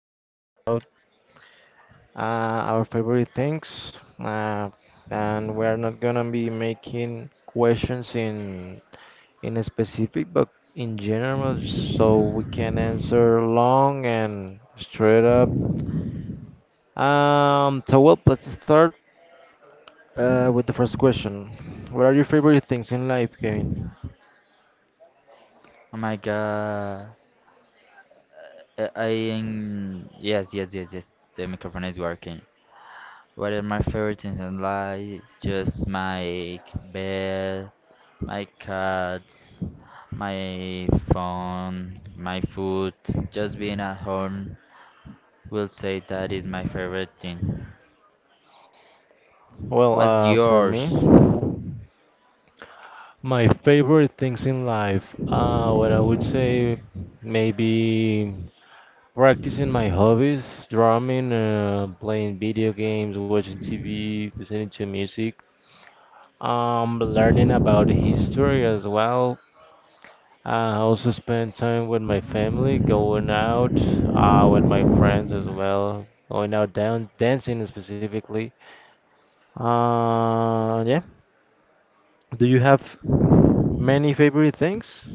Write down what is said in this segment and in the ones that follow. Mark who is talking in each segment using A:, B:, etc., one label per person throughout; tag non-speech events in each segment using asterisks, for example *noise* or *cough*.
A: talking about our favorite things, and we're not gonna be making questions in a specific, but in general, so we can answer long and straight up. Let's start. With the first question, what are your favorite things in life, Kevin?
B: Oh my god. I yes, yes, yes, yes. The microphone is working. What are my favorite things in life? Just my bed, my cats, my phone, my food. Just being at home will say that is my favorite thing. What's
A: For
B: yours?
A: me, my favorite things in life, what I would say, maybe practicing my hobbies, drumming, playing video games, watching TV, listening to music, learning about history as well. I also spend time with my family, going out, with my friends as well, going out down dancing specifically. Yeah. Do you have many favorite things?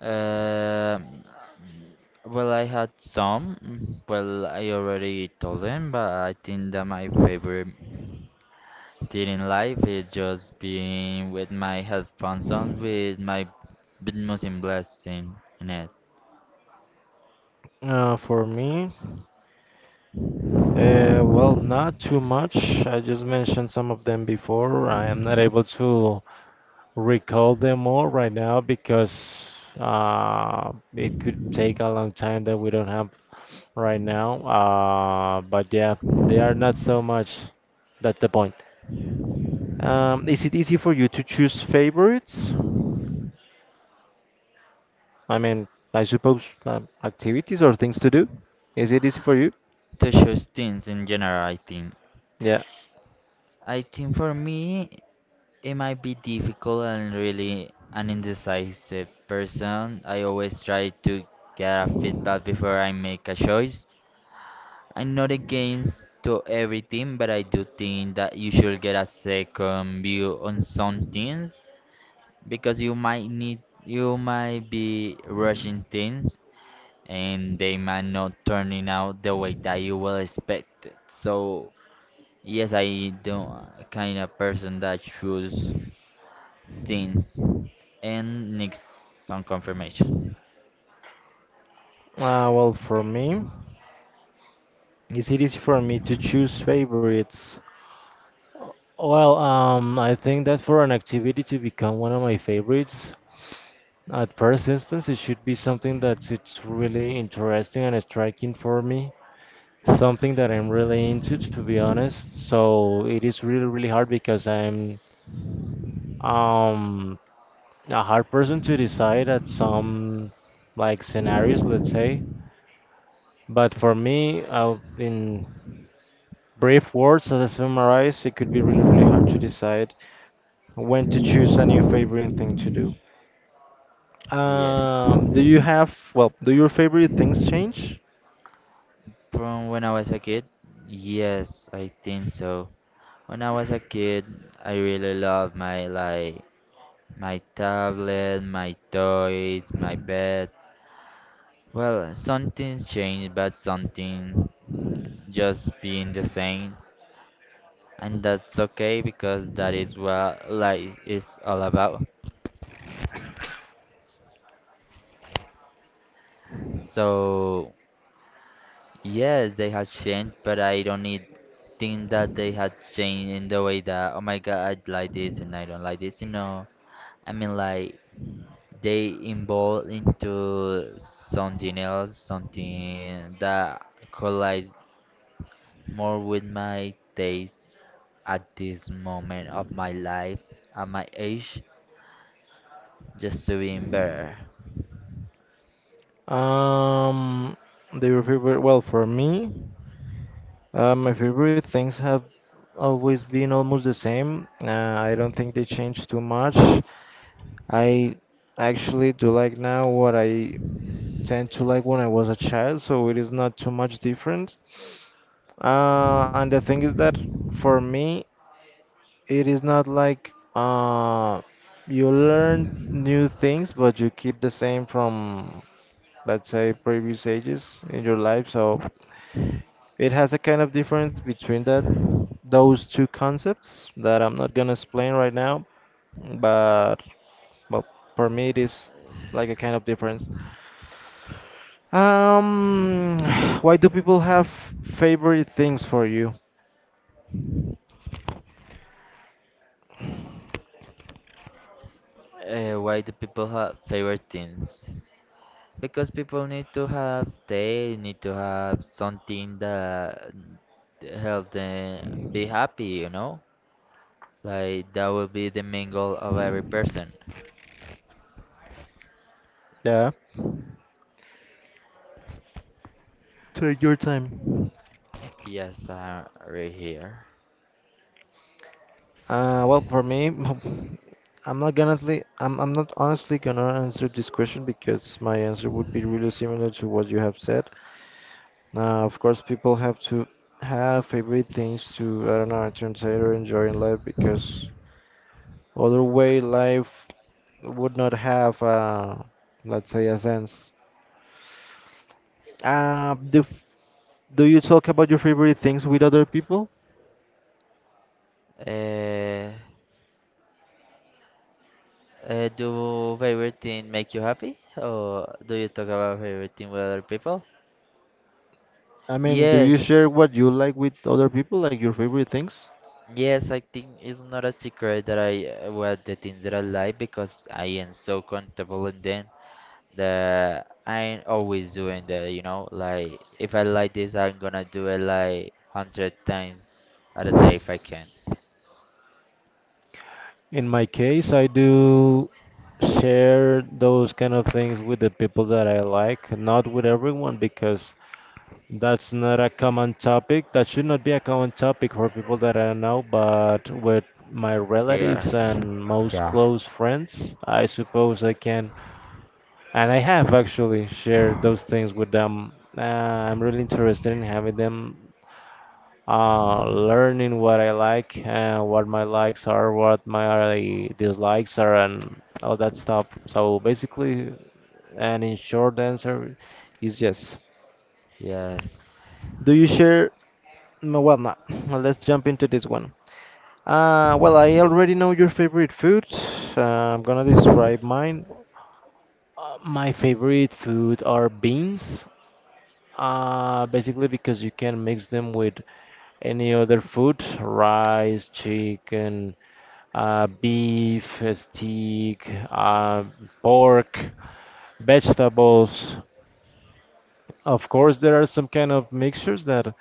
B: Um, well, I had some. Well, I already told them, but I think that my favorite dating life is just being with my headphones on with my with Muslim blessing in it.
A: Uh, for me, well, not too much. I just mentioned some of them before. I am not able to recall them all right now because it could take a long time that we don't have right now. But yeah, they are not so much. That's the point. Is it easy for you to choose favorites? I mean, I suppose activities or things to do. Is it easy for you?
B: To choose things in general, I think.
A: Yeah.
B: I think for me, it might be difficult and really an indecisive person. I always try to get a feedback before I make a choice. I'm not against to everything, but I do think that you should get a second view on some things because you might be rushing things and they might not turning out the way that you will expect it. So yes, I don't kind of person that choose things and needs some confirmation.
A: For me, is it easy for me to choose favorites? I think that for an activity to become one of my favorites, at first instance, it should be something that it's really interesting and striking for me. Something that I'm really into, to be honest. So it is really, really hard because I'm um a hard person to decide at some like scenarios, let's say. But for me, in brief words, as I summarize, it could be really, really hard to decide when to choose a new favorite thing to do.
B: Yes,
A: Do your favorite things change?
B: from when I was a kid. Yes, I think so. When I was a kid, I really loved my like my tablet, my toys, my bed. Well, something's changed, but something just being the same, and that's okay because that is what life is all about. So, yes, they have changed, but I don't need think that they have changed in the way that oh my god, I like this and I don't like this. You know, I mean like they evolve into something else, something that collides more with my taste at this moment of my life, at my age, just to be better.
A: Um, do your favorite, well, For me, my favorite things have always been almost the same. I don't think they change too much. I actually do like now what I tend to like when I was a child, so it is not too much different. And the thing is that for me, it is not like you learn new things, but you keep the same from, let's say, previous ages in your life. So it has a kind of difference between that those two concepts that I'm not gonna explain right now, but well, for me it is like a kind of difference. Um, *sighs* why do people have favorite things for you?
B: Why do people have favorite things? Because people need to have they need to have something that help them be happy, you know? Like that will be the main goal of every person.
A: Yeah. Take your time.
B: Yes, I'm right here.
A: For me, *laughs* I'm not honestly gonna answer this question because my answer would be really similar to what you have said. Now, of course, people have to have favorite things to, I don't know, entertain or enjoy in life because other way life would not have, let's say, a sense. The Do you talk about your favorite things with other people?
B: Uh, do favorite thing make you happy, or do you talk about favorite thing with other people?
A: I mean, do you
B: Yes,
A: share what you like with other people, like your favorite things?
B: yes, I think it's not a secret that I what the things that I like because I am so comfortable in them that I ain't always doing that, you know? Like if I like this I'm gonna do it like 100 times at a day if I can.
A: In my case, I do share those kind of things with the people that I like, not with everyone, because that's not a common topic. That should not be a common topic for people that I know, but with my relatives
B: Yes.
A: and
B: *laughs*
A: most
B: Yeah.
A: close friends, I suppose I can, and I have actually shared those things with them. I'm really interested in having them learning what I like and what my likes are, what my dislikes are, and all that stuff. So basically, and in short answer is yes.
B: Yes.
A: Do you share? No, Well, no. no, Let's jump into this one. Well, I already know your favorite food. Uh, I'm gonna describe mine. My favorite food are beans. Basically because you can mix them with any other food, rice, chicken, beef, steak, pork, vegetables. Of course, there are some kind of mixtures that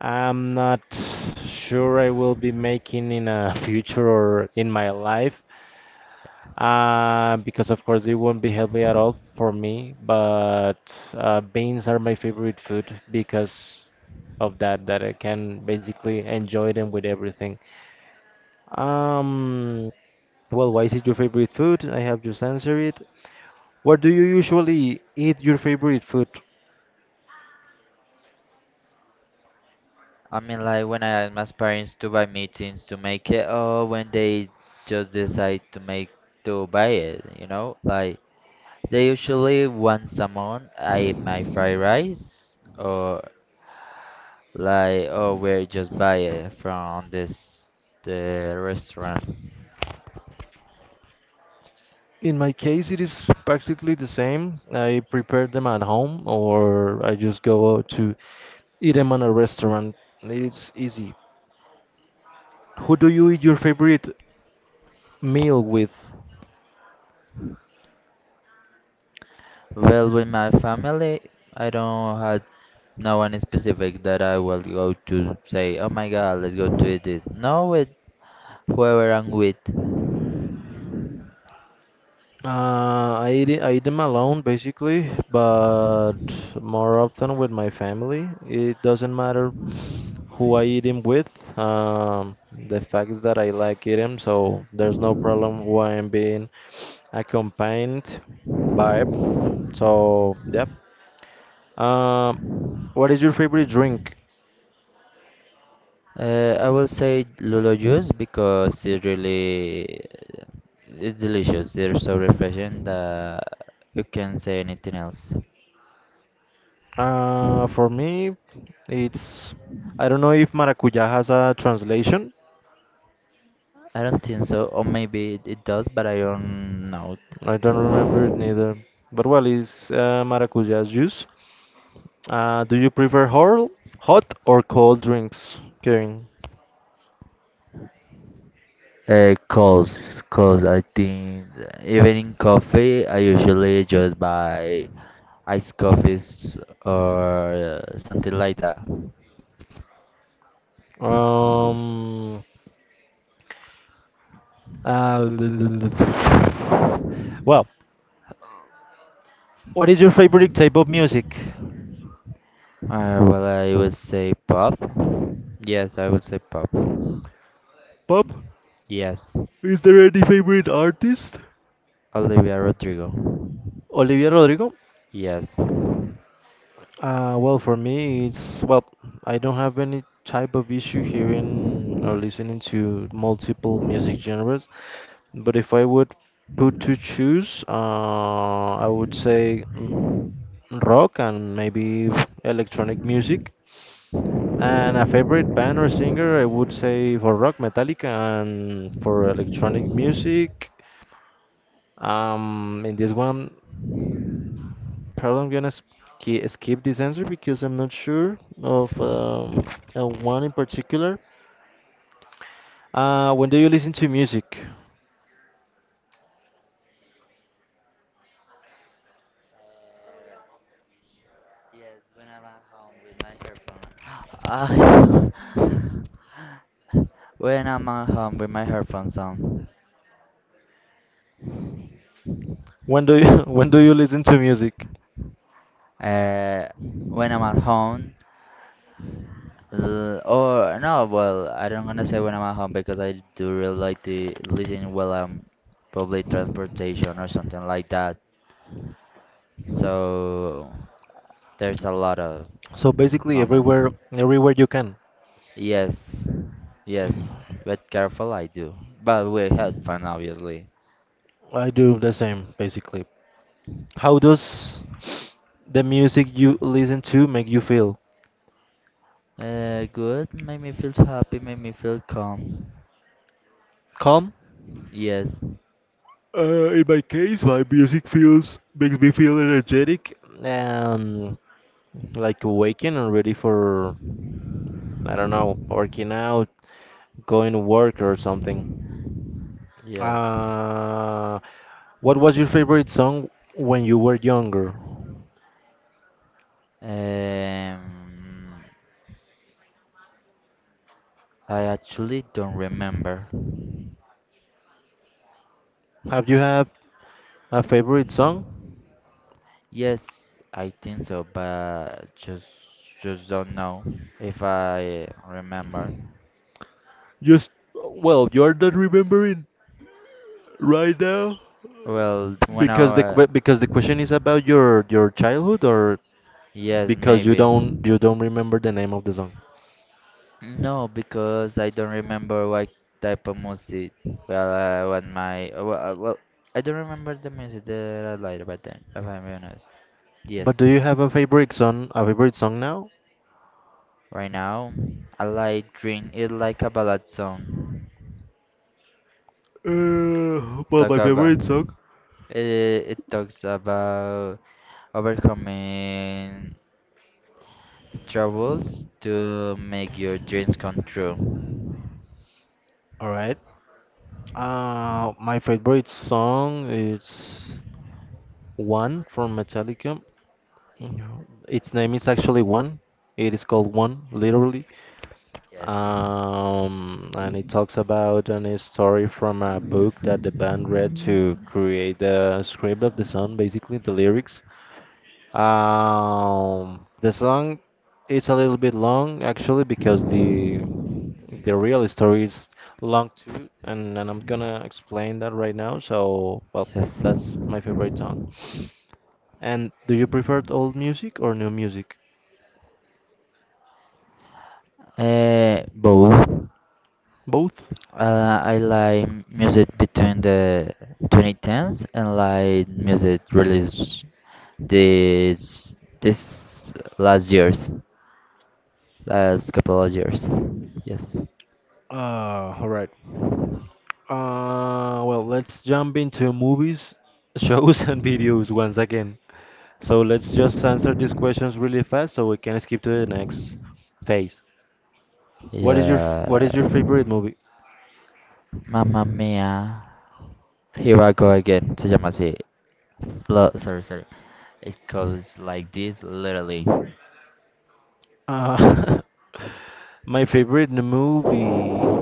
A: I'm not sure I will be making in a *laughs* future or in my life, because of course it won't be healthy at all for me. But beans are my favorite food because of that, that I can basically enjoy them with everything. Um, why is it your favorite food? I have just answered it. What do you usually eat your favorite food?
B: I mean like when I ask my parents to buy me things to make it or when they just decide to make to buy it, you know? Like they usually once a month. I eat my fried rice, or like, or we just buy it from this the restaurant.
A: In my case, it is practically the same. I prepare them at home or I just go out to eat them at a restaurant. It's easy. Who do you eat your favorite meal with?
B: Well, with my family, I don't have no one specific that I will go to say, oh my god, let's go to eat this. No, with whoever I'm with.
A: I eat them alone basically, but more often with my family. It doesn't matter who I eat them with. The fact is that I like eating, so there's no problem who I am being accompanied vibe. So, yeah. Um, what is your favorite drink?
B: I will say lulo juice because it really it's delicious. It's so refreshing that you can't say anything else.
A: For me, it's I don't know if maracuya has a translation.
B: I don't think so, or maybe it does, but I don't know.
A: I don't remember it neither. But well, it's Maracuya juice. Do you prefer hot or cold drinks, Kevin?
B: Calls, calls. I think even in coffee, I usually just buy iced coffees or something like that.
A: Um, uh, well, what is your favorite type of music?
B: I would say pop. Yes, I would say pop.
A: Pop?
B: Yes,
A: Is there any favorite artist?
B: Olivia Rodrigo.
A: Olivia Rodrigo?
B: Yes.
A: Well, for me, it's well, I don't have any type of issue hearing or listening to multiple music genres, but if I would put to choose, I would say rock and maybe electronic music. And a favorite band or singer, I would say for rock, Metallica, and for electronic music, in this one, probably I'm gonna ski skip this answer because I'm not sure of one in particular. When do you listen to music?
B: Ah,
A: *laughs*
B: *laughs* when I'm at home with my headphones on.
A: When do you *laughs* when do you listen to music?
B: uh, when I'm at home, l- or no, well, I don't gonna say when I'm at home because I do really like to listen while I'm public transportation or something like that. So there's a lot of
A: So basically
B: moments.
A: everywhere you can.
B: Yes, yes, but careful I do. But we with fun obviously.
A: I do the same basically. How does the music you listen to make you feel?
B: Good, made me feel happy, made me feel calm.
A: Calm?
B: Yes,
A: In my case, my music feels makes me feel energetic and like awakened and ready for I don't know working out, going to work or something.
B: yes.
A: Uh, what was your favorite song when you were younger?
B: Um, I actually don't remember.
A: Have you had a favorite song?
B: Yes, I think so, but just don't know if I remember.
A: Just, well, you're not remembering right now.
B: Well, wa-
A: Because the question is about your childhood or
B: yes,
A: because you
B: maybe.
A: don't you don't remember the name of the song.
B: No, because I don't remember what type of music. Well, I don't remember the music that I like back then, if I'm being honest. Yes,
A: But do you have a favorite song now?
B: right now I like Dream. It's like a ballad song.
A: Well, my
B: Talk about
A: favorite song.
B: it talks about overcoming troubles to make your dreams come true.
A: All right. My favorite song is One from Metallica. No, its name is actually One. It is called One, literally.
B: Yes.
A: And it talks about an story from a book that the band read to create the script of the song, basically the lyrics. The song is a little bit long actually because the real story is long too, and I'm gonna explain that right now. So, well,
B: Yes.
A: that's my favorite song. And do you prefer old music or new music?
B: Both.
A: Both?
B: I like music between the 2010s and like music released this last years, last couple of years. Yes.
A: Uh, all right. Let's jump into movies, *laughs* shows, and videos once again. So let's just answer these questions really fast so we can skip to the next phase. What is your
B: Yeah.
A: favorite movie?
B: Mamma mia. Here I go again. Se llama así. Lo- sorry, sorry. It goes like this, literally.
A: Uh, *laughs* my favorite movie.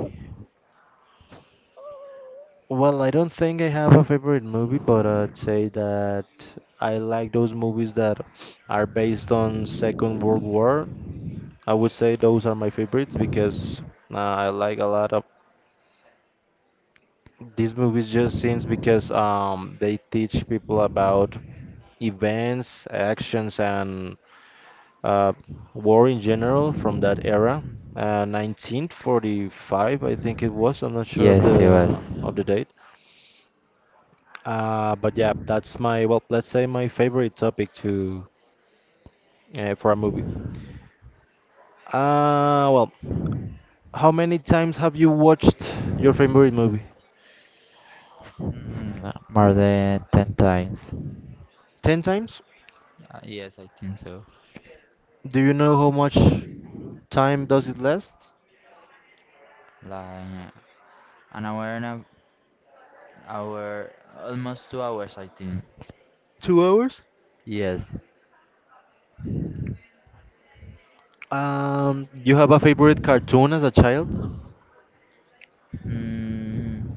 A: Well, I don't think I have a favorite movie, but I'd say that I like those movies that are based on Second World War. I would say those are my favorites because I like a lot of these movies just seems because they teach people about events, actions, and uh, war in general from that era. 1945, I think it was. I'm not sure of
B: Yes, it
A: the
B: was.
A: of the date. But yeah, that's my well, let's say my favorite topic to for a movie. Well, how many times have you watched your favorite movie?
B: Mm, more than 10 times.
A: 10 times?
B: Yes, I think so.
A: Do you know how much time does it last?
B: Like an hour and a hour, almost 2 hours, I think.
A: 2 hours?
B: Yes.
A: You have a favorite cartoon as a child?
B: Mm,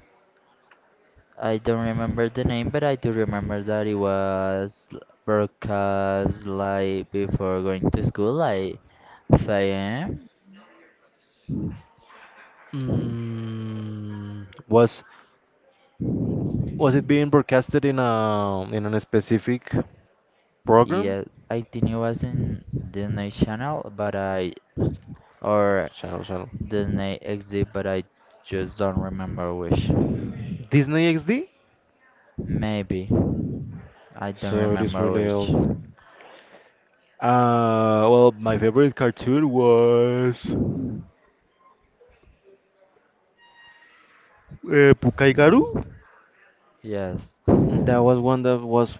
B: I don't remember the name, but I do remember that it was l- broadcast like before going to school, like 5 a.m.
A: Mm, was it being broadcasted in a specific program?
B: Yes, I think it was in Disney Channel, but I or
A: Channel.
B: The name exists, but I just don't remember which.
A: Disney XD?
B: Maybe. I don't
A: So it is
B: remember
A: really
B: which.
A: old. My favorite cartoon was Pukai Garu.
B: Yes.
A: That was one that was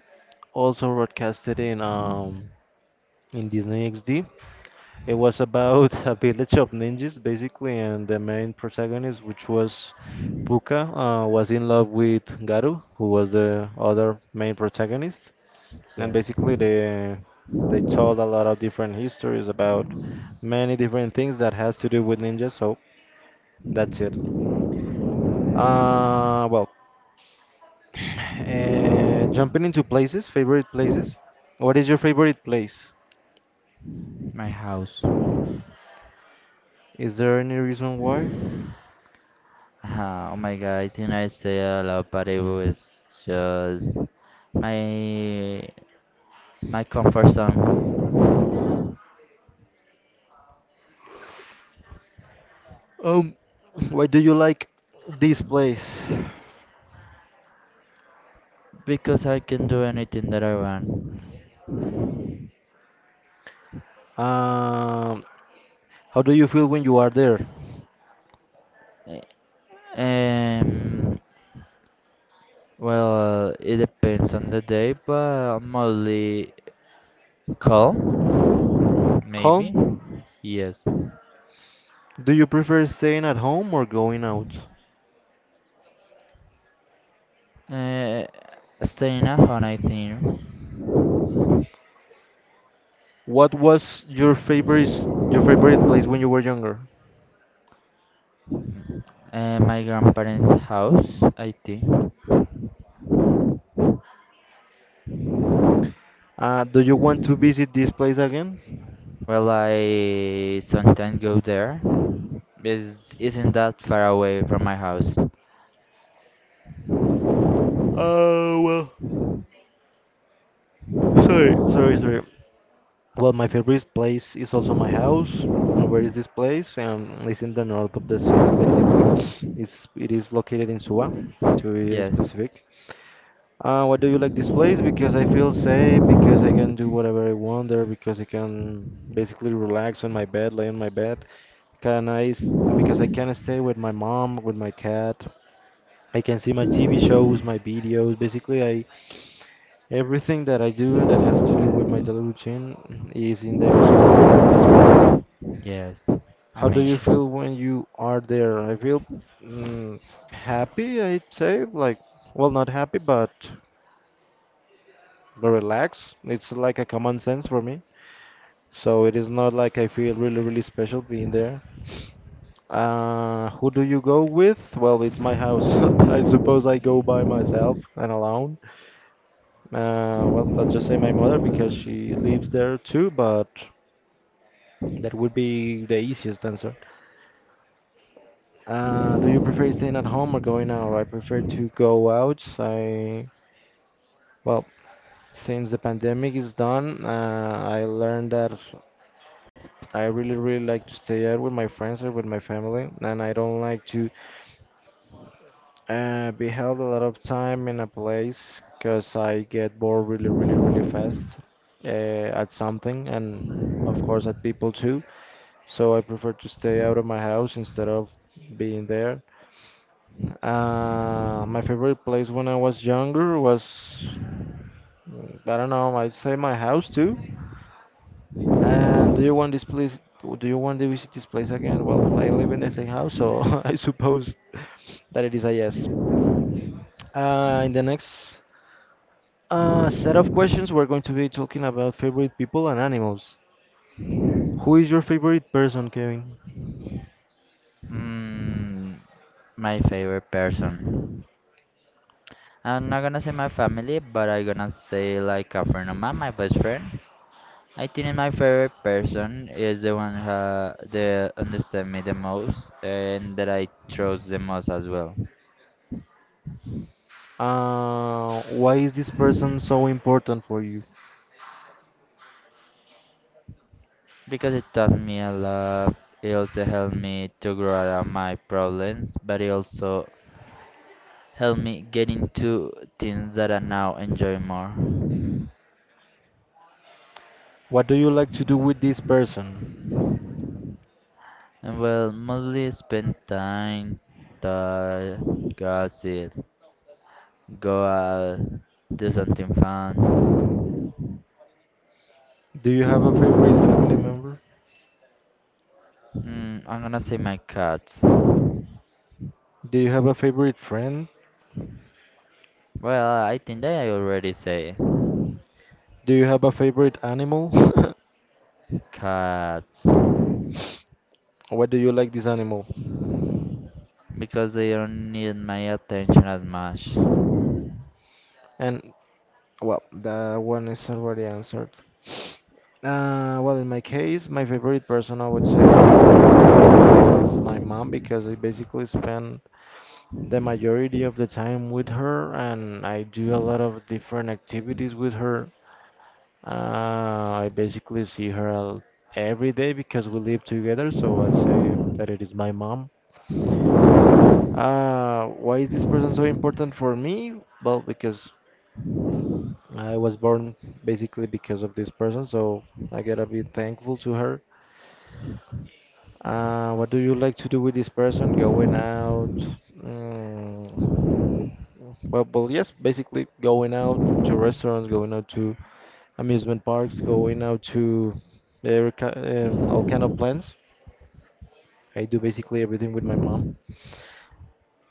A: also broadcasted in Disney XD. It was about *laughs* a village of ninjas, basically, and the main protagonist, which was Puka, was in love with Garu, who was the other main protagonist. And
B: Yes.
A: basically, they told a lot of different histories about many different things that has to do with ninjas. So that's it. Uh, well, Jumping into places, favorite places. What is your favorite place?
B: My house.
A: Is there any reason why?
B: Oh my god, I think I say a lot, but it was just my my comfort zone
A: Um, why do you like this place?
B: because I can do anything that I want.
A: Um, how do you feel when you are there?
B: Eh, Um, it depends on the day, but I'm mostly calm, maybe.
A: Calm?
B: Yes.
A: Do you prefer staying at home or going out?
B: Uh, Staying at home, I think.
A: What was your favorite place when you were younger?
B: My grandparents' house, I think.
A: Do you want to visit this place again?
B: Well, I sometimes go there. It's not that far away from my house.
A: Hey, sorry. Well, my favorite place is also my house. Where is this place? It's in the north of the city, basically. It is located in Suba, to be
B: Yes,
A: specific. Why do you like this place? Because I feel safe, because I can do whatever I want there, because I can basically relax on my bed, lay on my bed. Because I can stay with my mom, with my cat. I can see my TV shows, my videos. Basically, I everything that I do and that has to do with my daily routine is in there, so that's why.
B: yes.
A: How do you
B: Amazing.
A: feel when you are there? I feel mm, happy, I'd say, well, not happy, but relaxed. It's like a common sense for me. So it is not like I feel really, really special being there. Who do you go with? Well, it's my house. *laughs* I suppose I go by myself and alone. Well, let's just say my mother because she lives there too, but that would be the easiest answer. Do you prefer staying at home or going out? I prefer to go out. Well, since the pandemic is done, I learned that I really, really like to stay out with my friends or with my family, and I don't like to be held a lot of time in a place because I get bored really, really, really fast at something, and of course at people too. So I prefer to stay out of my house instead of being there. My favorite place when I was younger was, I don't know, I'd say my house too. And do you want this place? Do you want to visit this place again? Well, I live in the same house, so *laughs* I suppose that it is a yes. In the next A set of questions. We're going to be talking about favorite people and animals. Who is your favorite person, Kevin?
B: Mm, my favorite person. I'm not gonna say my family, but I gonna say like a friend of mine, my best friend. I think my favorite person is the one who that understand me the most and that I trust the most as well.
A: Why is this person so important for you?
B: Because it taught me a lot. It also helped me to grow out of my problems, but it also helped me get into things that I now enjoy more.
A: What do you like to do with this person?
B: And well, mostly spend time, talk, gossip, go out, do something fun.
A: Do you have a favorite family member?
B: Mm, I'm gonna say my cats. Well,
A: Do you have a favorite friend?
B: I think that I already say
A: Do you have a favorite animal? *laughs*
B: cats
A: What do you like this animal?
B: because they don't need my attention as much. Oh
A: And well, that one is already answered. Well, in my case, my favorite person I would say is my mom because I basically spend the majority of the time with her, and I do a lot of different activities with her. I basically see her every day because we live together, so I'd say that it is my mom. Why is this person so important for me? Well, because I was born basically because of this person, so I gotta be thankful to her. What do you like to do with this person? Going out, mm, But well, yes, basically going out to restaurants, going out to amusement parks, going out to all kind of plans. I do basically everything with my mom.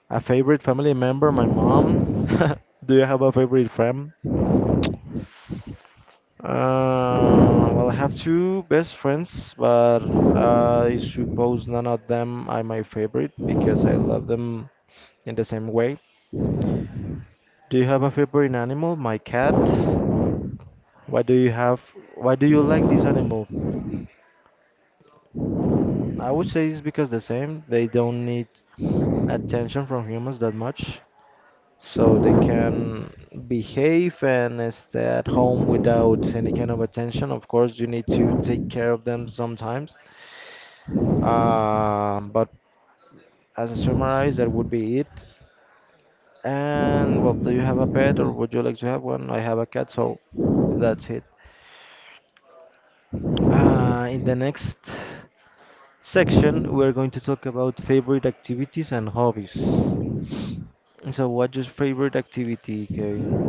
A: A favorite family member, my mom. *laughs* Do you have a favorite friend? Well, I have two best friends, but I suppose none of them are my favorite because I love them in the same way. Do you have a favorite animal? My cat. Why do you have, why do you like this animal? I would say it's because the same. They don't need attention from humans that much. So they can behave and stay at home without any kind of attention. Of course, you need to take care of them sometimes. But as a summarize, that would be it. And well, do you have a pet or would you like to have one? I have a cat, so that's it. In the next. Section, we're going to talk about favorite activities and hobbies. So, what's your favorite activity, Kevin?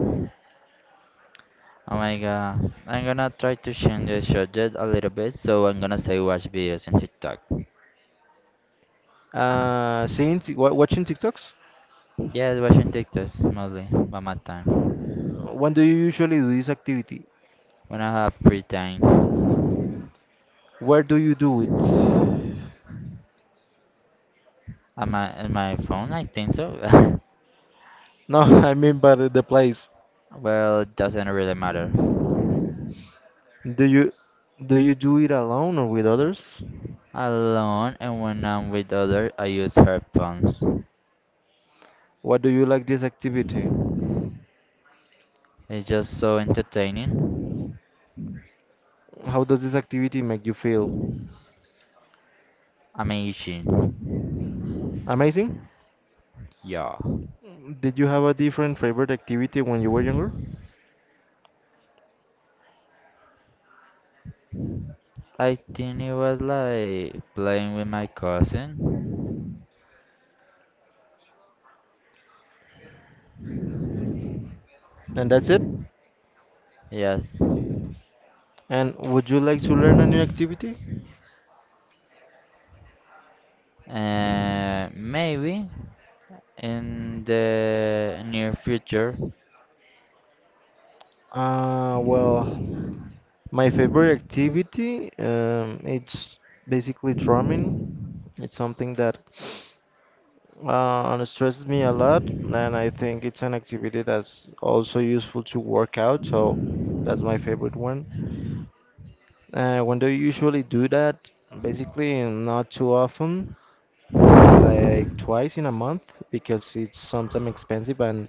B: my god, I'm gonna try to change the subject a little bit, so I'm gonna say watch videos on TikTok.
A: Watching TikToks?
B: Yes, watching TikToks mostly by my time
A: When do you usually do this activity?
B: when I have free time.
A: Where do you do it?
B: On my phone, I think so. *laughs*
A: No, *laughs* I mean by the place.
B: Well, it doesn't really matter.
A: Do you do you do it alone or with others?
B: Alone and when I'm with others, I use headphones.
A: What do you like this activity?
B: It's just so entertaining.
A: How does this activity make you feel?
B: Amazing.
A: Amazing?
B: Yeah.
A: Did you have a different favorite activity when you were younger?
B: I think it was like playing with my cousin.
A: And that's it?
B: Yes.
A: And would you like to learn a new activity?
B: Maybe in the near future,
A: Well, my favorite activity, it's basically drumming. It's something that stresses me a lot, and I think it's an activity that's also useful to work out, so that's my favorite one. When do you usually do that? Basically, not too often, like twice in a month, because it's sometimes expensive and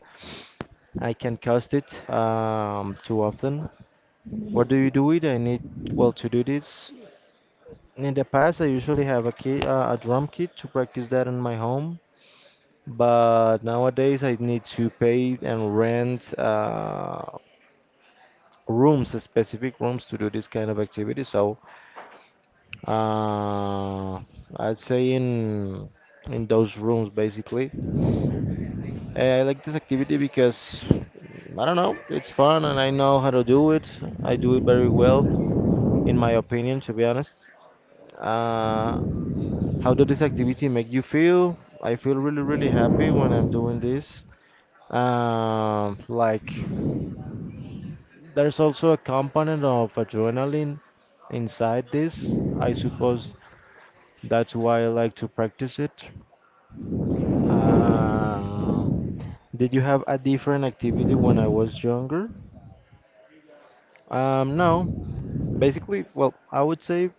A: I can't cost it too often. What do you do with it? Well, to do this. In the past, I usually have a kit, a drum kit to practice that in my home. But nowadays, I need to pay and rent rooms, specific rooms to do this kind of activity. So uh, I'd say in those rooms, basically. Eh, I like this activity because I don't know, it's fun and I know how to do it. I do it very well, in my opinion, to be honest. Uh, How does this activity make you feel? I feel really, really happy when I'm doing this. Um, like, there's also a component of adrenaline inside this. I suppose that's why I like to practice it. Uh, did you have a different activity when I was younger? No. Basically, well, I would say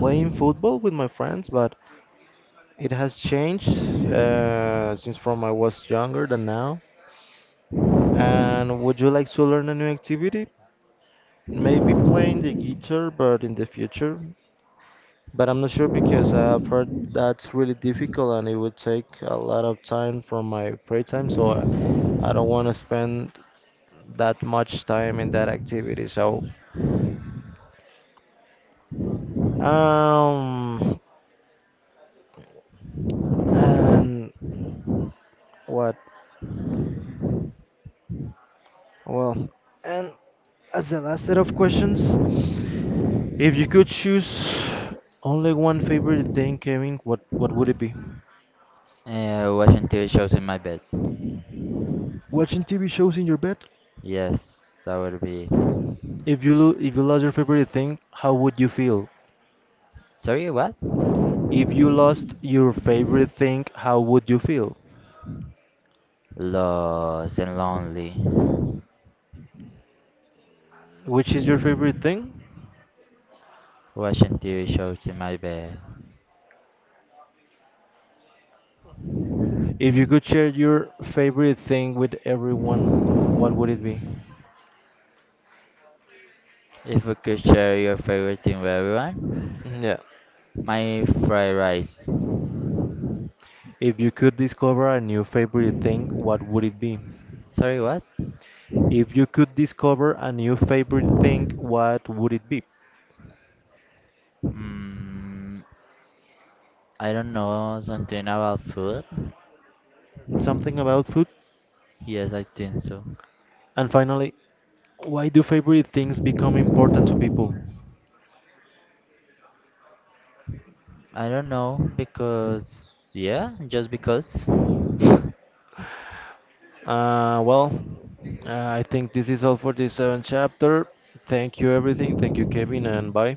A: playing football with my friends, but it has changed since from I was younger than now. And would you like to learn a new activity? Maybe playing the guitar, but in the future. But I'm not sure because I've heard that's really difficult and it would take a lot of time from my free time, I don't want to spend that much time in that activity. So, um, and what? Well, and as the last set of questions, if you could choose only one favorite thing, Kevin, what would it be?
B: watching TV shows in my bed.
A: Watching TV shows in your bed?
B: Yes, that would be.
A: If you lost your favorite thing, how would you feel?
B: Sorry, what?
A: If you lost your favorite thing, how would you feel?
B: Lost and lonely.
A: Which is your favorite thing?
B: Watching TV shows in my bed.
A: If you could share your favorite thing with everyone, what would it be?
B: If you could share your favorite thing with everyone,
A: Yeah.
B: my fried rice.
A: If you could discover a new favorite thing, what would it be?
B: Sorry, what?
A: If you could discover a new favorite thing, what would it be?
B: I don't know, something about food.
A: Something about food?
B: Yes, I think so.
A: And finally, why do favorite things become important to people?
B: I don't know because yeah, just because.
A: *laughs* Uh, well, uh, I think this is all for this seventh chapter. Thank you, everything. Thank you, Kevin, and bye.